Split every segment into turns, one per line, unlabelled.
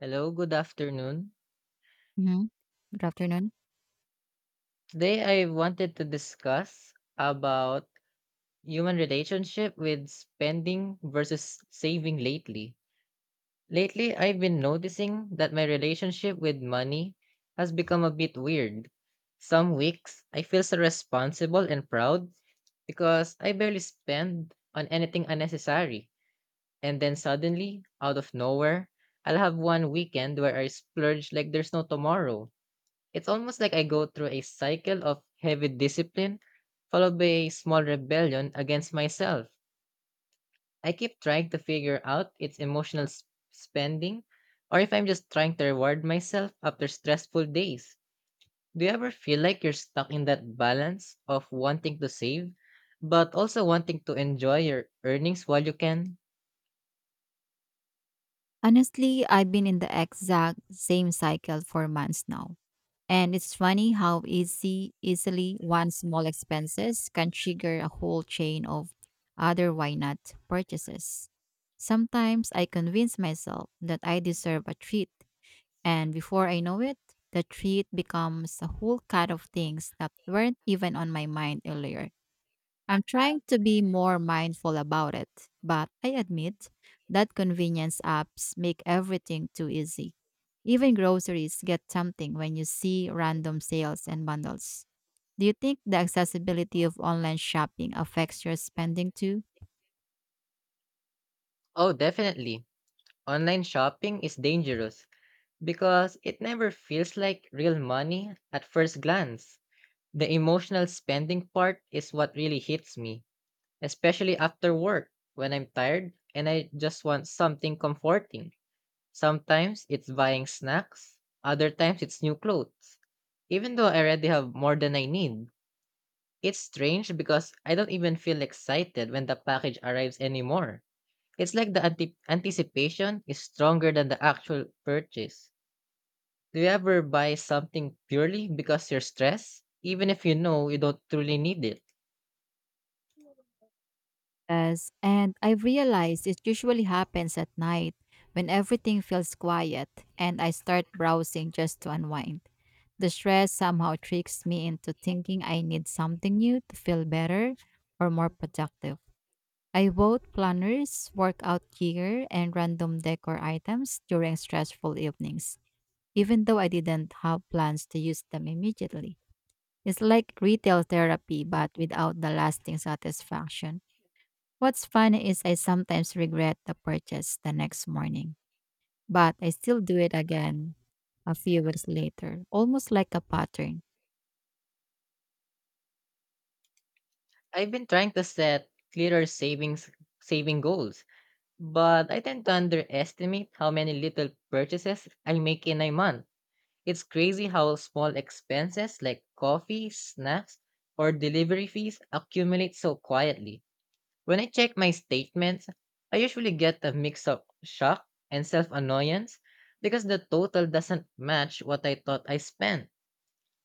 Hello, good afternoon.
Mhm. Good afternoon.
Today I wanted to discuss about human relationship with spending versus saving lately. Lately, I've been noticing that my relationship with money has become a bit weird. Some weeks, I feel so responsible and proud because I barely spend on anything unnecessary. And then suddenly, out of nowhere, I'll have one weekend where I splurge like there's no tomorrow. It's almost like I go through a cycle of heavy discipline followed by a small rebellion against myself. I keep trying to figure out its emotional spending, or if I'm just trying to reward myself after stressful days. Do you ever feel like you're stuck in that balance of wanting to save, but also wanting to enjoy your earnings while you can?
Honestly, I've been in the exact same cycle for months now. And it's funny how easy easily one small expenses can trigger a whole chain of other why not purchases. Sometimes I convince myself that I deserve a treat, and before I know it, the treat becomes a whole cut of things that weren't even on my mind earlier. I'm trying to be more mindful about it, but I admit that convenience apps make everything too easy. Even groceries get something when you see random sales and bundles. Do you think the accessibility of online shopping affects your spending too?
Oh, definitely. Online shopping is dangerous because it never feels like real money at first glance. The emotional spending part is what really hits me, especially after work when I'm tired and I just want something comforting. Sometimes it's buying snacks, other times it's new clothes. Even though I already have more than I need, it's strange because I don't even feel excited when the package arrives anymore. It's like the anticipation is stronger than the actual purchase. Do you ever buy something purely because you're stressed, even if you know you don't truly need it?
Yes, and I've realized it usually happens at night when everything feels quiet and I start browsing just to unwind. The stress somehow tricks me into thinking I need something new to feel better or more productive. I bought planners, workout gear, and random decor items during stressful evenings, even though I didn't have plans to use them immediately. It's like retail therapy, but without the lasting satisfaction. What's funny is I sometimes regret the purchase the next morning, but I still do it again a few weeks later, almost like a pattern.
I've been trying to set clearer saving goals, but I tend to underestimate how many little purchases I make in a month. It's crazy how small expenses like coffee, snacks, or delivery fees accumulate so quietly. When I check my statements, I usually get a mix of shock and self annoyance because the total doesn't match what I thought I spent.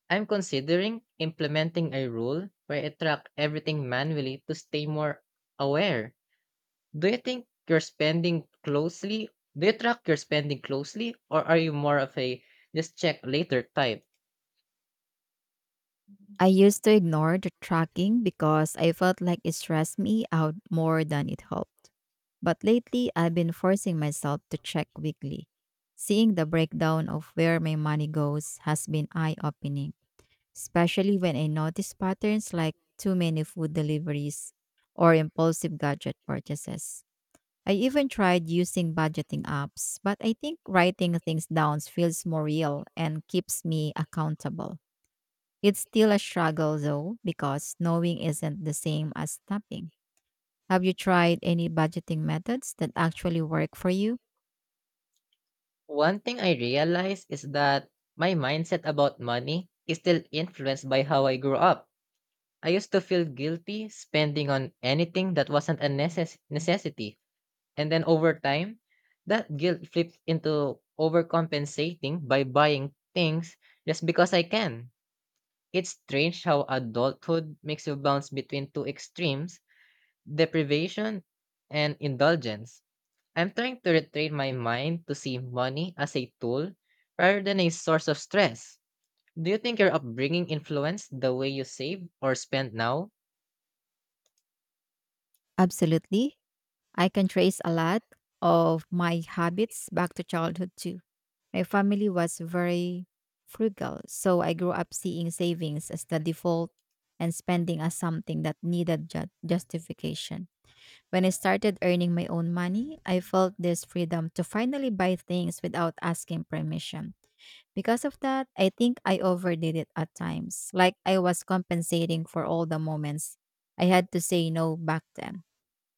I'm considering implementing a rule where I track everything manually to stay more aware. Do you think you're spending closely? Do you track your spending closely, or are you more of a just check later type?
I used to ignore the tracking because I felt like it stressed me out more than it helped. But lately, I've been forcing myself to check weekly. Seeing the breakdown of where my money goes has been eye opening, especially when I notice patterns like too many food deliveries or impulsive gadget purchases. I even tried using budgeting apps, but I think writing things down feels more real and keeps me accountable. It's still a struggle though, because knowing isn't the same as stopping. Have you tried any budgeting methods that actually work for you?
One thing I realize is that my mindset about money is still influenced by how I grew up. I used to feel guilty spending on anything that wasn't a necessity. And then over time, that guilt flips into overcompensating by buying things just because I can. It's strange how adulthood makes you bounce between two extremes: deprivation and indulgence. I'm trying to retrain my mind to see money as a tool rather than a source of stress. Do you think your upbringing influenced the way you save or spend now?
Absolutely. I can trace a lot of my habits back to childhood too. My family was very frugal, so I grew up seeing savings as the default and spending as something that needed justification. When I started earning my own money, I felt this freedom to finally buy things without asking permission. Because of that, I think I overdid it at times, like I was compensating for all the moments I had to say no back then.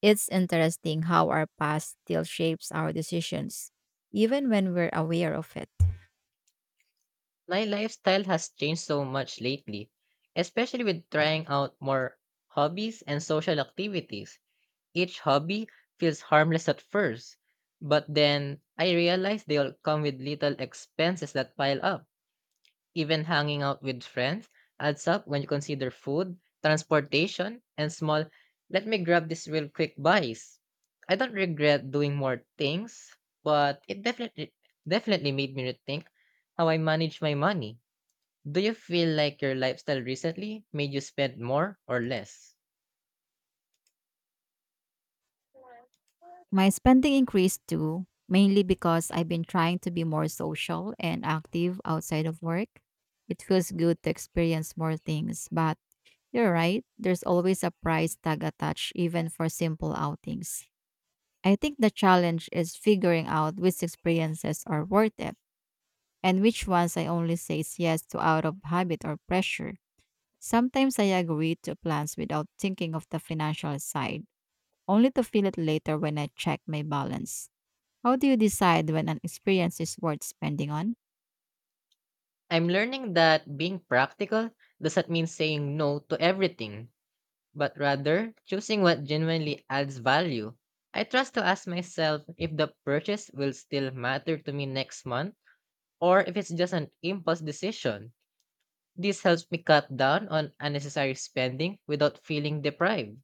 It's interesting how our past still shapes our decisions, even when we're aware of it.
My lifestyle has changed so much lately, especially with trying out more hobbies and social activities. Each hobby feels harmless at first, but then I realize they all come with little expenses that pile up. Even hanging out with friends adds up when you consider food, transportation, and small, let me grab this real quick buys. I don't regret doing more things, but it definitely made me rethink how I manage my money. Do you feel like your lifestyle recently made you spend more or less?
My spending increased too, mainly because I've been trying to be more social and active outside of work. It feels good to experience more things, but you're right, there's always a price tag attached, even for simple outings. I think the challenge is figuring out which experiences are worth it and which ones I only say yes to out of habit or pressure. Sometimes I agree to plans without thinking of the financial side, only to feel it later when I check my balance. How do you decide when an experience is worth spending on?
I'm learning that being practical doesn't mean saying no to everything, but rather choosing what genuinely adds value. I trust to ask myself if the purchase will still matter to me next month or if it's just an impulse decision. This helps me cut down on unnecessary spending without feeling deprived.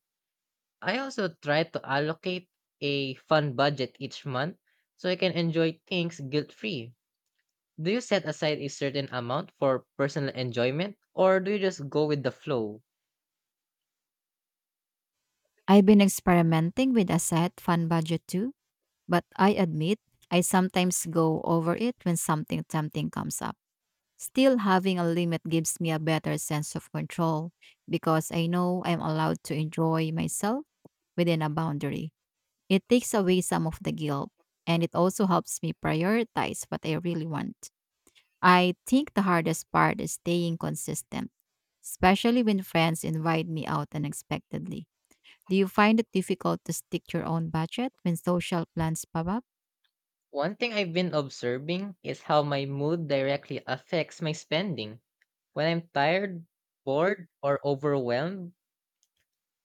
I also try to allocate a fun budget each month so I can enjoy things guilt free. Do you set aside a certain amount for personal enjoyment, or do you just go with the flow?
I've been experimenting with a set fun budget too, but I admit I sometimes go over it when something tempting comes up. Still, having a limit gives me a better sense of control because I know I'm allowed to enjoy myself within a boundary. It takes away some of the guilt and it also helps me prioritize what I really want. I think the hardest part is staying consistent, especially when friends invite me out unexpectedly. Do you find it difficult to stick your own budget when social plans pop up?
One thing I've been observing is how my mood directly affects my spending. When I'm tired, bored, or overwhelmed,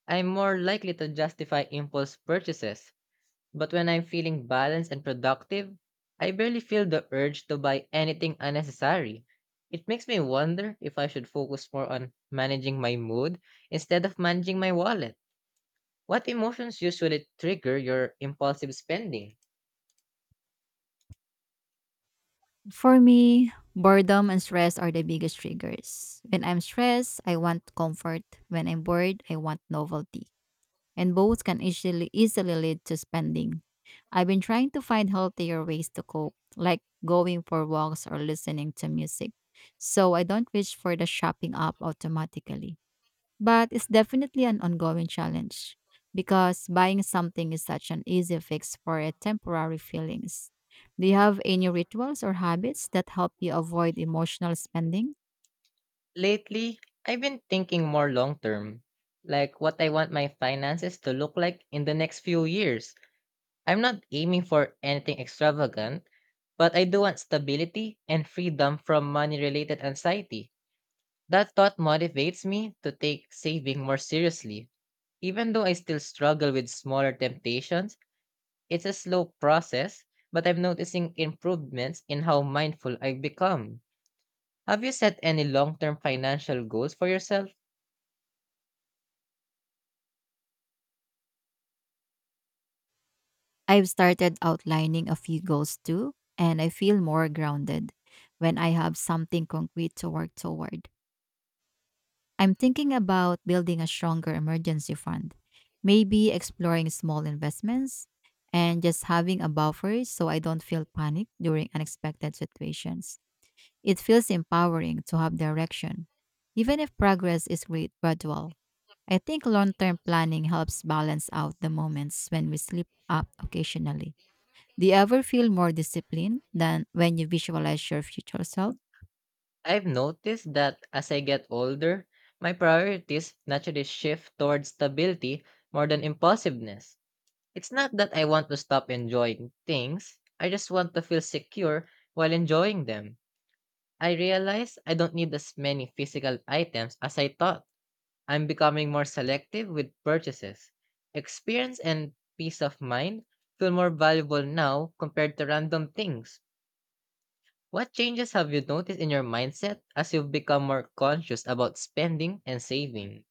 I'm more likely to justify impulse purchases. But when I'm feeling balanced and productive, I barely feel the urge to buy anything unnecessary. It makes me wonder if I should focus more on managing my mood instead of managing my wallet. What emotions usually trigger your impulsive spending?
For me, boredom and stress are the biggest triggers. When I'm stressed, I want comfort. When I'm bored, I want novelty. And both can easily lead to spending. I've been trying to find healthier ways to cope, like going for walks or listening to music. So I don't wish for the shopping up automatically. But it's definitely an ongoing challenge because buying something is such an easy fix for a temporary feelings. Do you have any rituals or habits that help you avoid emotional spending?
Lately, I've been thinking more long term, like what I want my finances to look like in the next few years. I'm not aiming for anything extravagant, but I do want stability and freedom from money related anxiety. That thought motivates me to take saving more seriously. Even though I still struggle with smaller temptations, it's a slow process, but I'm noticing improvements in how mindful I've become. Have you set any long term financial goals for yourself?
I've started outlining a few goals too, and I feel more grounded when I have something concrete to work toward. I'm thinking about building a stronger emergency fund, maybe exploring small investments and just having a buffer so I don't feel panic during unexpected situations. It feels empowering to have direction, even if progress is great gradual. I think long term planning helps balance out the moments when we slip up occasionally. Do you ever feel more disciplined than when you visualize your future self?
I've noticed that as I get older, my priorities naturally shift towards stability more than impulsiveness. It's not that I want to stop enjoying things, I just want to feel secure while enjoying them. I realize I don't need as many physical items as I thought. I'm becoming more selective with purchases. Experience and peace of mind feel more valuable now compared to random things. What changes have you noticed in your mindset as you've become more conscious about spending and saving?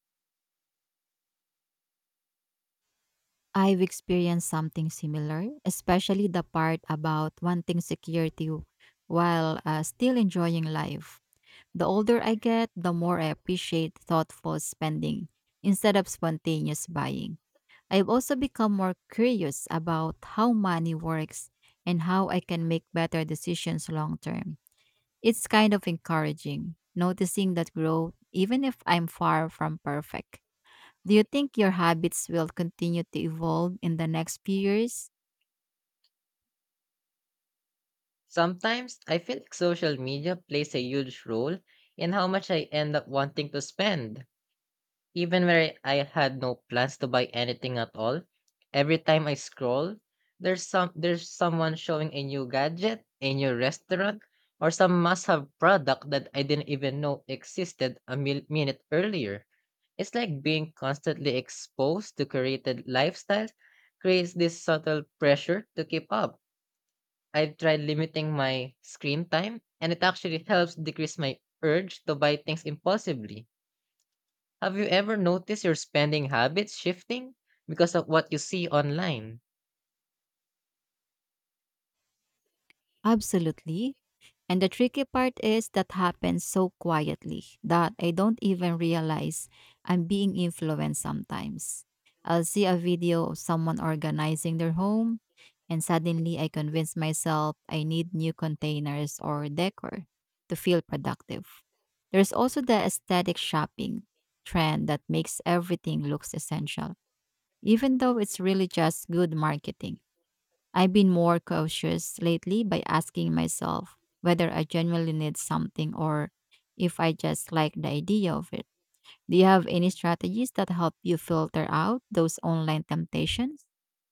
I've experienced something similar, especially the part about wanting security while still enjoying life. The older I get, the more I appreciate thoughtful spending instead of spontaneous buying. I've also become more curious about how money works and how I can make better decisions long term. It's kind of encouraging noticing that growth, even if I'm far from perfect. Do you think your habits will continue to evolve in the next few years?
Sometimes I feel like social media plays a huge role in how much I end up wanting to spend. Even when I had no plans to buy anything at all, every time I scroll, there's someone showing a new gadget, a new restaurant, or some must-have product that I didn't even know existed a minute earlier. It's like being constantly exposed to curated lifestyles creates this subtle pressure to keep up. I've tried limiting my screen time, and it actually helps decrease my urge to buy things impulsively. Have you ever noticed your spending habits shifting because of what you see online?
Absolutely. And the tricky part is that happens so quietly that I don't even realize I'm being influenced sometimes. I'll see a video of someone organizing their home, and suddenly I convince myself I need new containers or decor to feel productive. There's also the aesthetic shopping trend that makes everything looks essential, even though it's really just good marketing. I've been more cautious lately by asking myself whether I genuinely need something or if I just like the idea of it. Do you have any strategies that help you filter out those online temptations?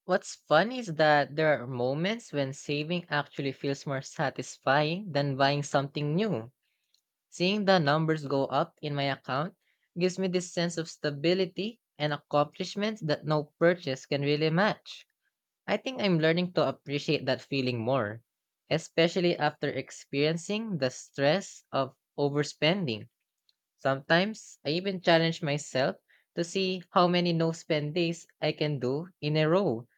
What's funny is that there are moments when saving actually feels more satisfying than buying something new. Seeing the numbers go up in my account gives me this sense of stability and accomplishment that no purchase can really match. I think I'm learning to appreciate that feeling more, especially after experiencing the stress of overspending. Sometimes I even challenge myself to see how many no spend days I can do in a row.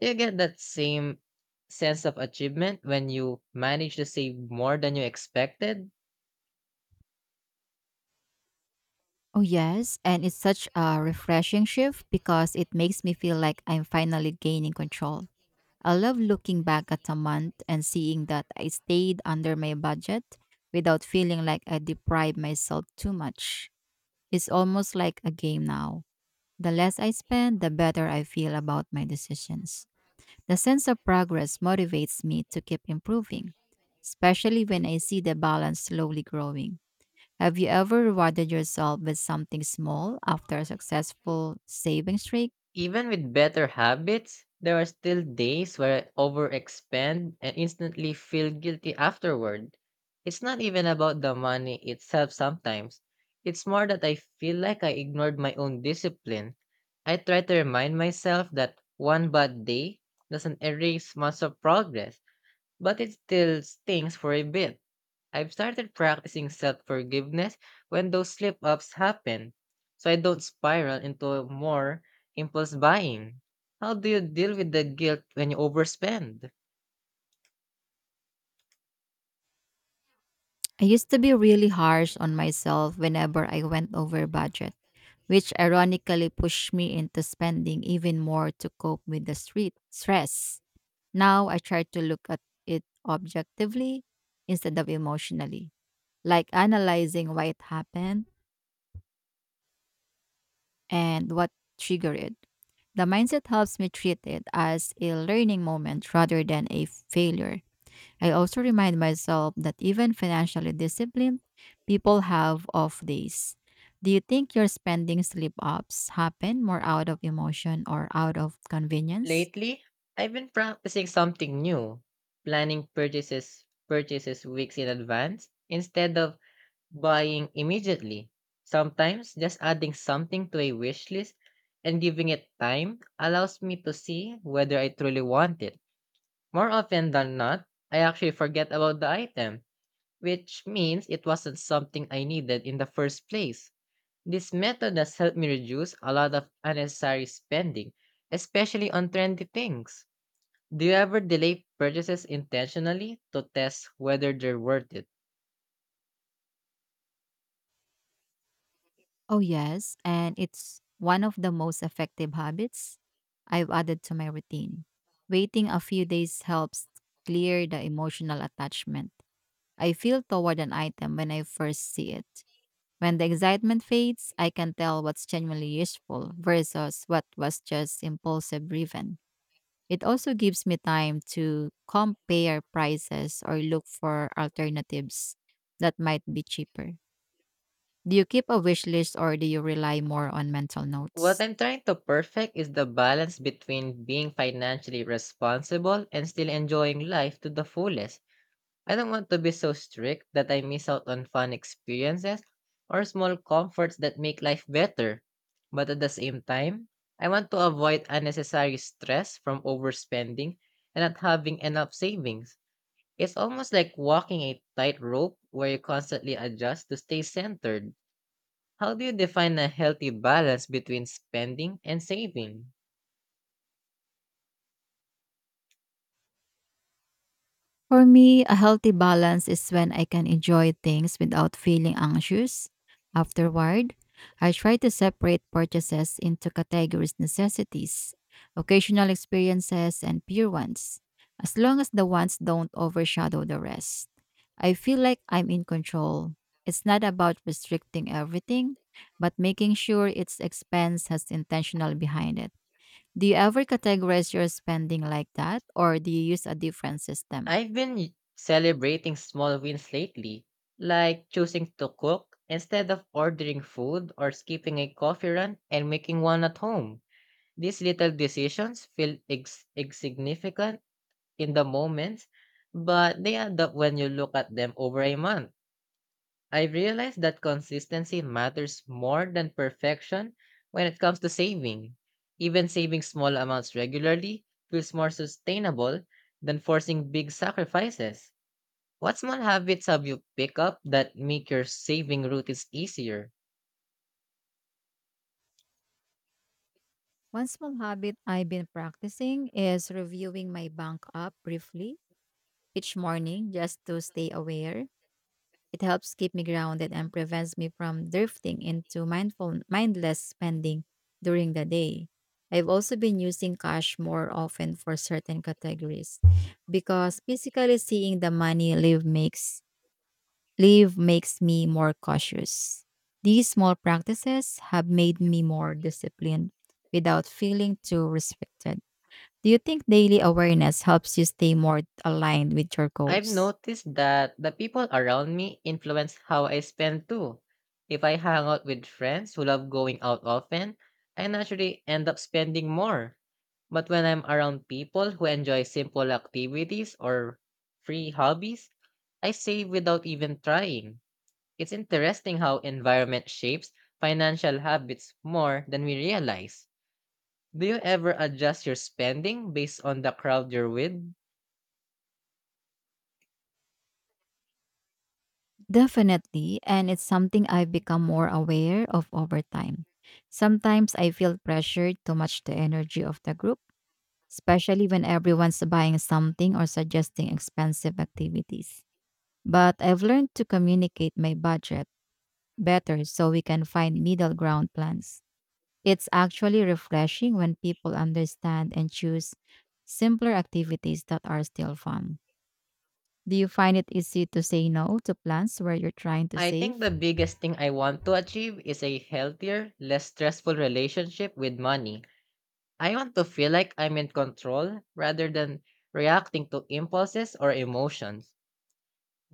Do you get that same sense of achievement when you manage to save more than you expected?
Oh, yes. And it's such a refreshing shift because it makes me feel like I'm finally gaining control. I love looking back at a month and seeing that I stayed under my budget without feeling like I deprived myself too much. It's almost like a game now. The less I spend, the better I feel about my decisions. The sense of progress motivates me to keep improving, especially when I see the balance slowly growing. Have you ever rewarded yourself with something small after a successful saving streak?
Even with better habits, there are still days where I overexpend and instantly feel guilty afterward. It's not even about the money itself sometimes. It's more that I feel like I ignored my own discipline. I try to remind myself that one bad day doesn't erase months of progress, but it still stings for a bit. I've started practicing self forgiveness when those slip ups happen, so I don't spiral into more impulse buying. How do you deal with the guilt when you overspend?
I used to be really harsh on myself whenever I went over budget, which ironically pushed me into spending even more to cope with the street stress. Now I try to look at it objectively instead of emotionally, like analyzing why it happened and what triggered it. The mindset helps me treat it as a learning moment rather than a failure. I also remind myself that even financially disciplined people have off days. Do you think your spending slip ups happen more out of emotion or out of convenience?
Lately, I've been practicing something new, planning purchases weeks in advance instead of buying immediately. Sometimes just adding something to a wish list and giving it time allows me to see whether I truly want it. More often than not, I actually forget about the item, which means it wasn't something I needed in the first place. This method has helped me reduce a lot of unnecessary spending, especially on trendy things. Do you ever delay purchases intentionally to test whether they're worth it?
Oh, yes. And it's one of the most effective habits I've added to my routine. Waiting a few days helps clear the emotional attachment I feel toward an item when I first see it. When the excitement fades, I can tell what's genuinely useful versus what was just impulsive driven. It also gives me time to compare prices or look for alternatives that might be cheaper. Do you keep a wish list or do you rely more on mental
What
notes?
I'm trying to perfect is the balance between being financially responsible and still enjoying life to the fullest. I don't want to be so strict that I miss out on fun experiences or small comforts that make life better. But at the same time, I want to avoid unnecessary stress from overspending and not having enough savings. It's almost like walking a tightrope where you constantly adjust to stay centered. How do you define a healthy balance between spending and saving?
For me, a healthy balance is when I can enjoy things without feeling anxious. Afterward, I try to separate purchases into categories necessities, occasional experiences, and pure ones, as long as the ones don't overshadow the rest. I feel like I'm in control. It's not about restricting everything, but making sure its expense has intentional behind it. Do you ever categorize your spending like that, or do you use a different system?
I've been celebrating small wins lately, like choosing to cook instead of ordering food or skipping a coffee run and making one at home. These little decisions feel insignificant in the moment, but they add up when you look at them over a month. I realized that consistency matters more than perfection when it comes to saving. Even saving small amounts regularly feels more sustainable than forcing big sacrifices. What small habits have you picked up that make your saving routines easier?
One small habit I've been practicing is reviewing my bank app briefly each morning just to stay aware. It helps keep me grounded and prevents me from drifting into mindful mindless spending during the day. I've also been using cash more often for certain categories because physically seeing the money leave makes me more cautious. These small practices have made me more disciplined without feeling too restricted. Do you think daily awareness helps you stay more aligned with your
I've
goals?
noticed that the people around me influence how I spend too. If I hang out with friends who love going out often, I naturally end up spending more. But when I'm around people who enjoy simple activities or free hobbies, I save without even trying. It's interesting how environment shapes financial habits more than we realize. Do you ever adjust your spending based on the crowd you're with?
Definitely, and it's something I've become more aware of over time. Sometimes I feel pressured to match the energy of the group, especially when everyone's buying something or suggesting expensive activities. But I've learned to communicate my budget better so we can find middle ground plans. It's actually refreshing when people understand and choose simpler activities that are still fun. Do you find it easy to say no to plans where you're trying to
I think
save?
the biggest thing I want to achieve is a healthier, less stressful relationship with money. I want to feel like I'm in control rather than reacting to impulses or emotions.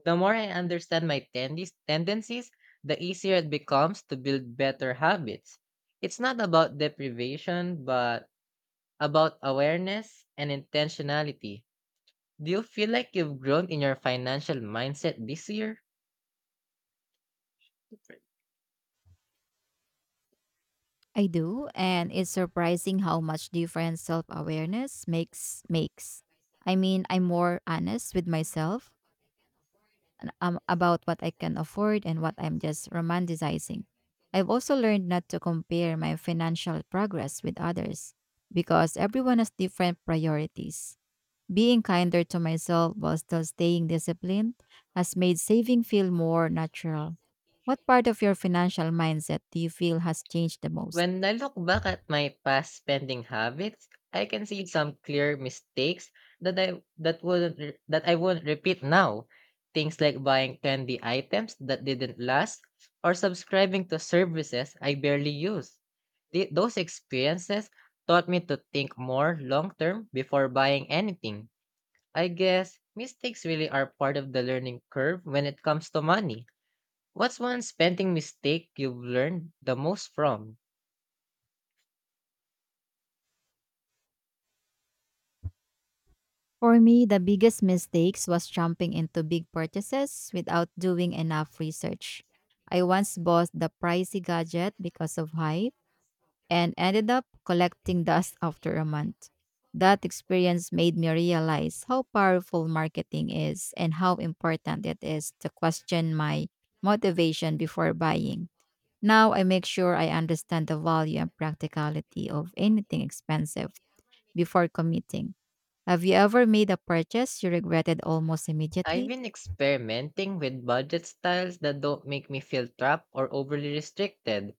The more I understand my tendis tendencies, the easier it becomes to build better habits. It's not about deprivation, but about awareness and intentionality. Do you feel like you've grown in your financial mindset this year?
I do, and it's surprising how much difference self-awareness makes. I mean, I'm more honest with myself and about what I can afford and what I'm just romanticizing. I've also learned not to compare my financial progress with others because everyone has different priorities. Being kinder to myself while still staying disciplined has made saving feel more natural. What part of your financial mindset do you feel has changed the most?
When I look back at my past spending habits, I can see some clear mistakes that wouldn't re- that I won't repeat now. Things like buying trendy items that didn't last or subscribing to services I barely use. Those experiences taught me to think more long term before buying anything. I guess mistakes really are part of the learning curve when it comes to money. What's one spending mistake you've learned the most from?
For me, the biggest mistakes was jumping into big purchases without doing enough research. I once bought the pricey gadget because of hype and ended up collecting dust after a month. That experience made me realize how powerful marketing is and how important it is to question my motivation before buying. Now I make sure I understand the value and practicality of anything expensive before committing. Have you ever made a purchase you regretted almost
I've
immediately?
been experimenting with budget styles that don't make me feel trapped or overly restricted.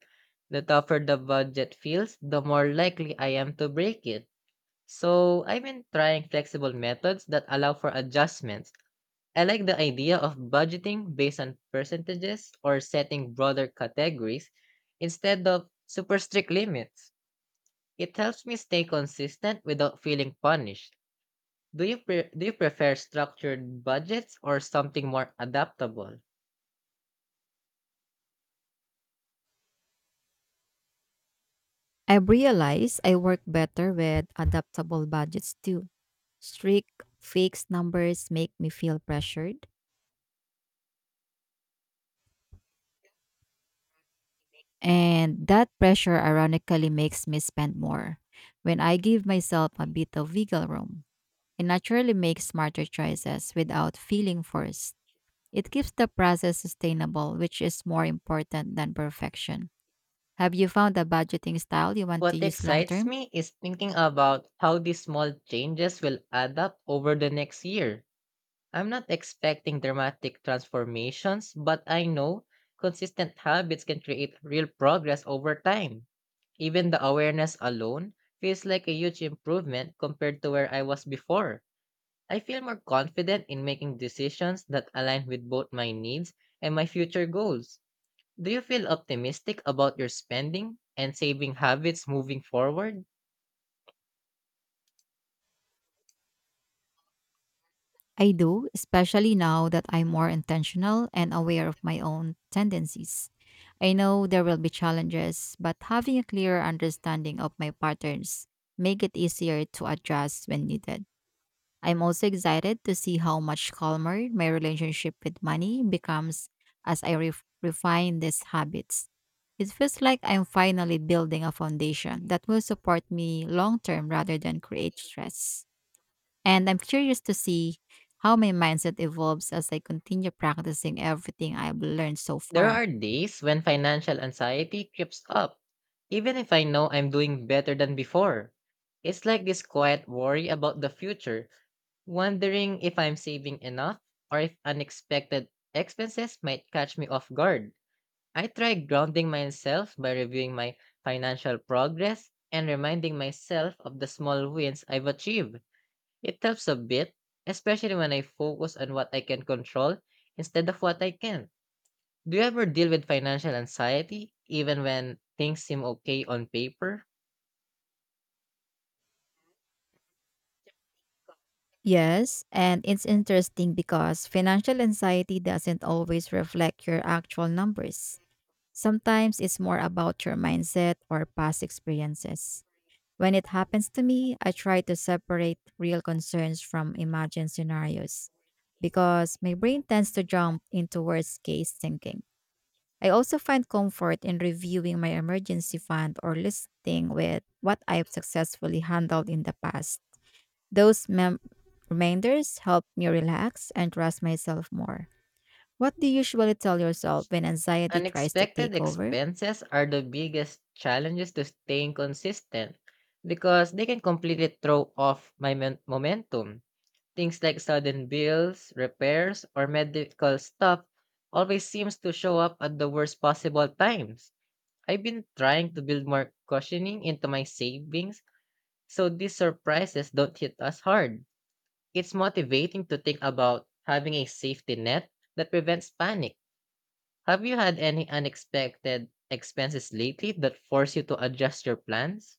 The tougher the budget feels, the more likely I am to break it. So, I've been trying flexible methods that allow for adjustments. I like the idea of budgeting based on percentages or setting broader categories instead of super strict limits. It helps me stay consistent without feeling punished. Do you prefer structured budgets or something more adaptable?
I've realized I work better with adaptable budgets too. Strict, fixed numbers make me feel pressured, and that pressure ironically makes me spend more. When I give myself a bit of wiggle room, I naturally make smarter choices without feeling forced. It keeps the process sustainable, which is more important than perfection. Have you found a budgeting style you want to
What
use long
excites
term?
me is thinking about how these small changes will add up over the next year. I'm not expecting dramatic transformations, but I know consistent habits can create real progress over time. Even the awareness alone feels like a huge improvement compared to where I was before. I feel more confident in making decisions that align with both my needs and my future goals. Do you feel optimistic about your spending and saving habits moving forward?
I do, especially now that I'm more intentional and aware of my own tendencies. I know there will be challenges, but having a clearer understanding of my patterns make it easier to adjust when needed. I'm also excited to see how much calmer my relationship with money becomes as I refine these habits. It feels like I'm finally building a foundation that will support me long term rather than create stress. And I'm curious to see how my mindset evolves as I continue practicing everything I've learned so
There
far.
are days when financial anxiety creeps up, even if I know I'm doing better than before. It's like this quiet worry about the future, wondering if I'm saving enough or if unexpected expenses might catch me off guard. I try grounding myself by reviewing my financial progress and reminding myself of the small wins I've achieved. It helps a bit, especially when I focus on what I can control instead of what I can't. Do you ever deal with financial anxiety, even when things seem okay on paper?
Yes, and it's interesting because financial anxiety doesn't always reflect your actual numbers. Sometimes it's more about your mindset or past experiences. When it happens to me, I try to separate real concerns from imagined scenarios because my brain tends to jump into worst case thinking. I also find comfort in reviewing my emergency fund or listing with what I have successfully handled in the past. Those mem- reminders help me relax and trust myself more. What do you usually tell yourself when anxiety tries to
Unexpected
take over?
expenses are the biggest challenges to staying consistent because they can completely throw off my momentum. Things like sudden bills, repairs, or medical stuff always seems to show up at the worst possible times. I've been trying to build more cushioning into my savings so these surprises don't hit us hard. It's motivating to think about having a safety net that prevents panic. Have you had any unexpected expenses lately that force you to adjust your plans?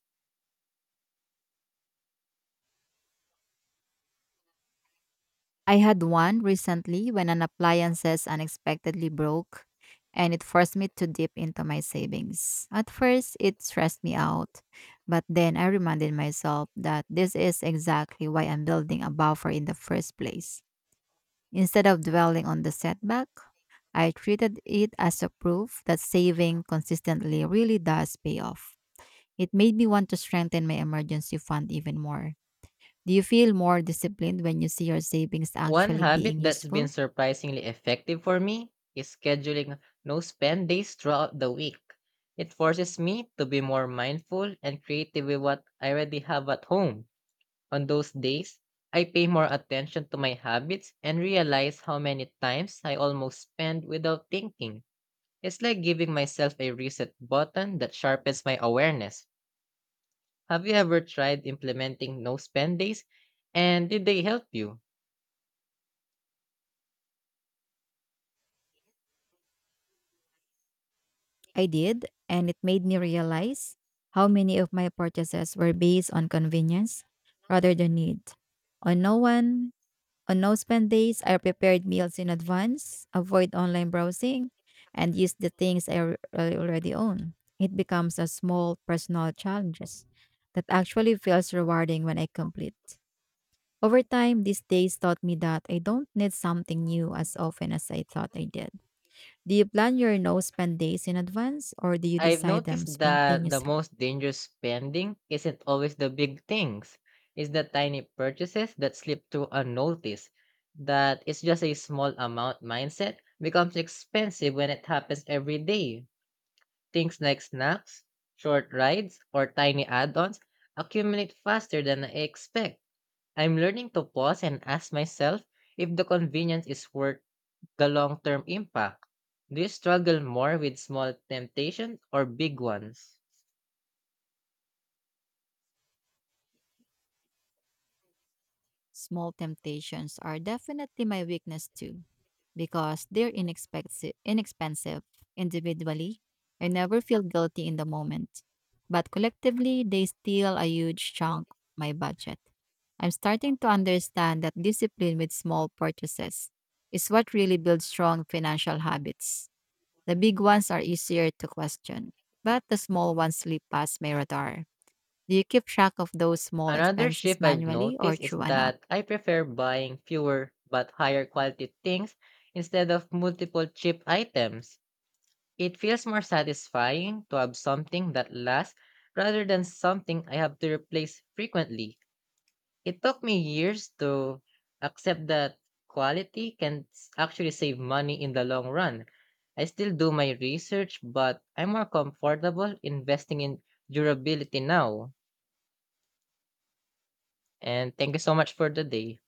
I had one recently when an appliances unexpectedly broke, and it forced me to dip into my savings. At first, it stressed me out, but then I reminded myself that this is exactly why I'm building a buffer in the first place. Instead of dwelling on the setback, I treated it as a proof that saving consistently really does pay off. It made me want to strengthen my emergency fund even more. Do you feel more disciplined when you see your savings
One
actually
habit
being
that's been
useful?
surprisingly effective for me is scheduling no spend days throughout the week. It forces me to be more mindful and creative with what I already have at home. On those days, I pay more attention to my habits and realize how many times I almost spend without thinking. It's like giving myself a reset button that sharpens my awareness. Have you ever tried implementing no spend days? And did they help you?
I did, and it made me realize how many of my purchases were based on convenience rather than need. On no one, on no spend days, I prepared meals in advance, avoid online browsing, and use the things I already own. It becomes a small personal challenges that actually feels rewarding when I complete. Over time, these days taught me that I don't need something new as often as I thought I did. Do you plan your no spend days in advance, or do you
I've
decide them
noticed that the
spontaneously?
most dangerous spending isn't always the big things. It's the tiny purchases that slip through unnoticed. That it's just a small amount mindset becomes expensive when it happens every day. Things like snacks, short rides, or tiny add ons accumulate faster than I expect. I'm learning to pause and ask myself if the convenience is worth the long term impact. Do you struggle more with small temptations or big ones?
Small temptations are definitely my weakness too, because they're inexpensive. Individually, I never feel guilty in the moment, but collectively, they steal a huge chunk of my budget. I'm starting to understand that discipline with small purchases is what really builds strong financial habits. The big ones are easier to question, but the small ones slip past my radar. Do you keep track of those small
Another
expenses
shift I've
manually or
noticed is
through an app?
that I prefer buying fewer but higher quality things instead of multiple cheap items. It feels more satisfying to have something that lasts rather than something I have to replace frequently. It took me years to accept that quality can actually save money in the long run. I still do my research, but I'm more comfortable investing in durability now. And thank you so much for the day.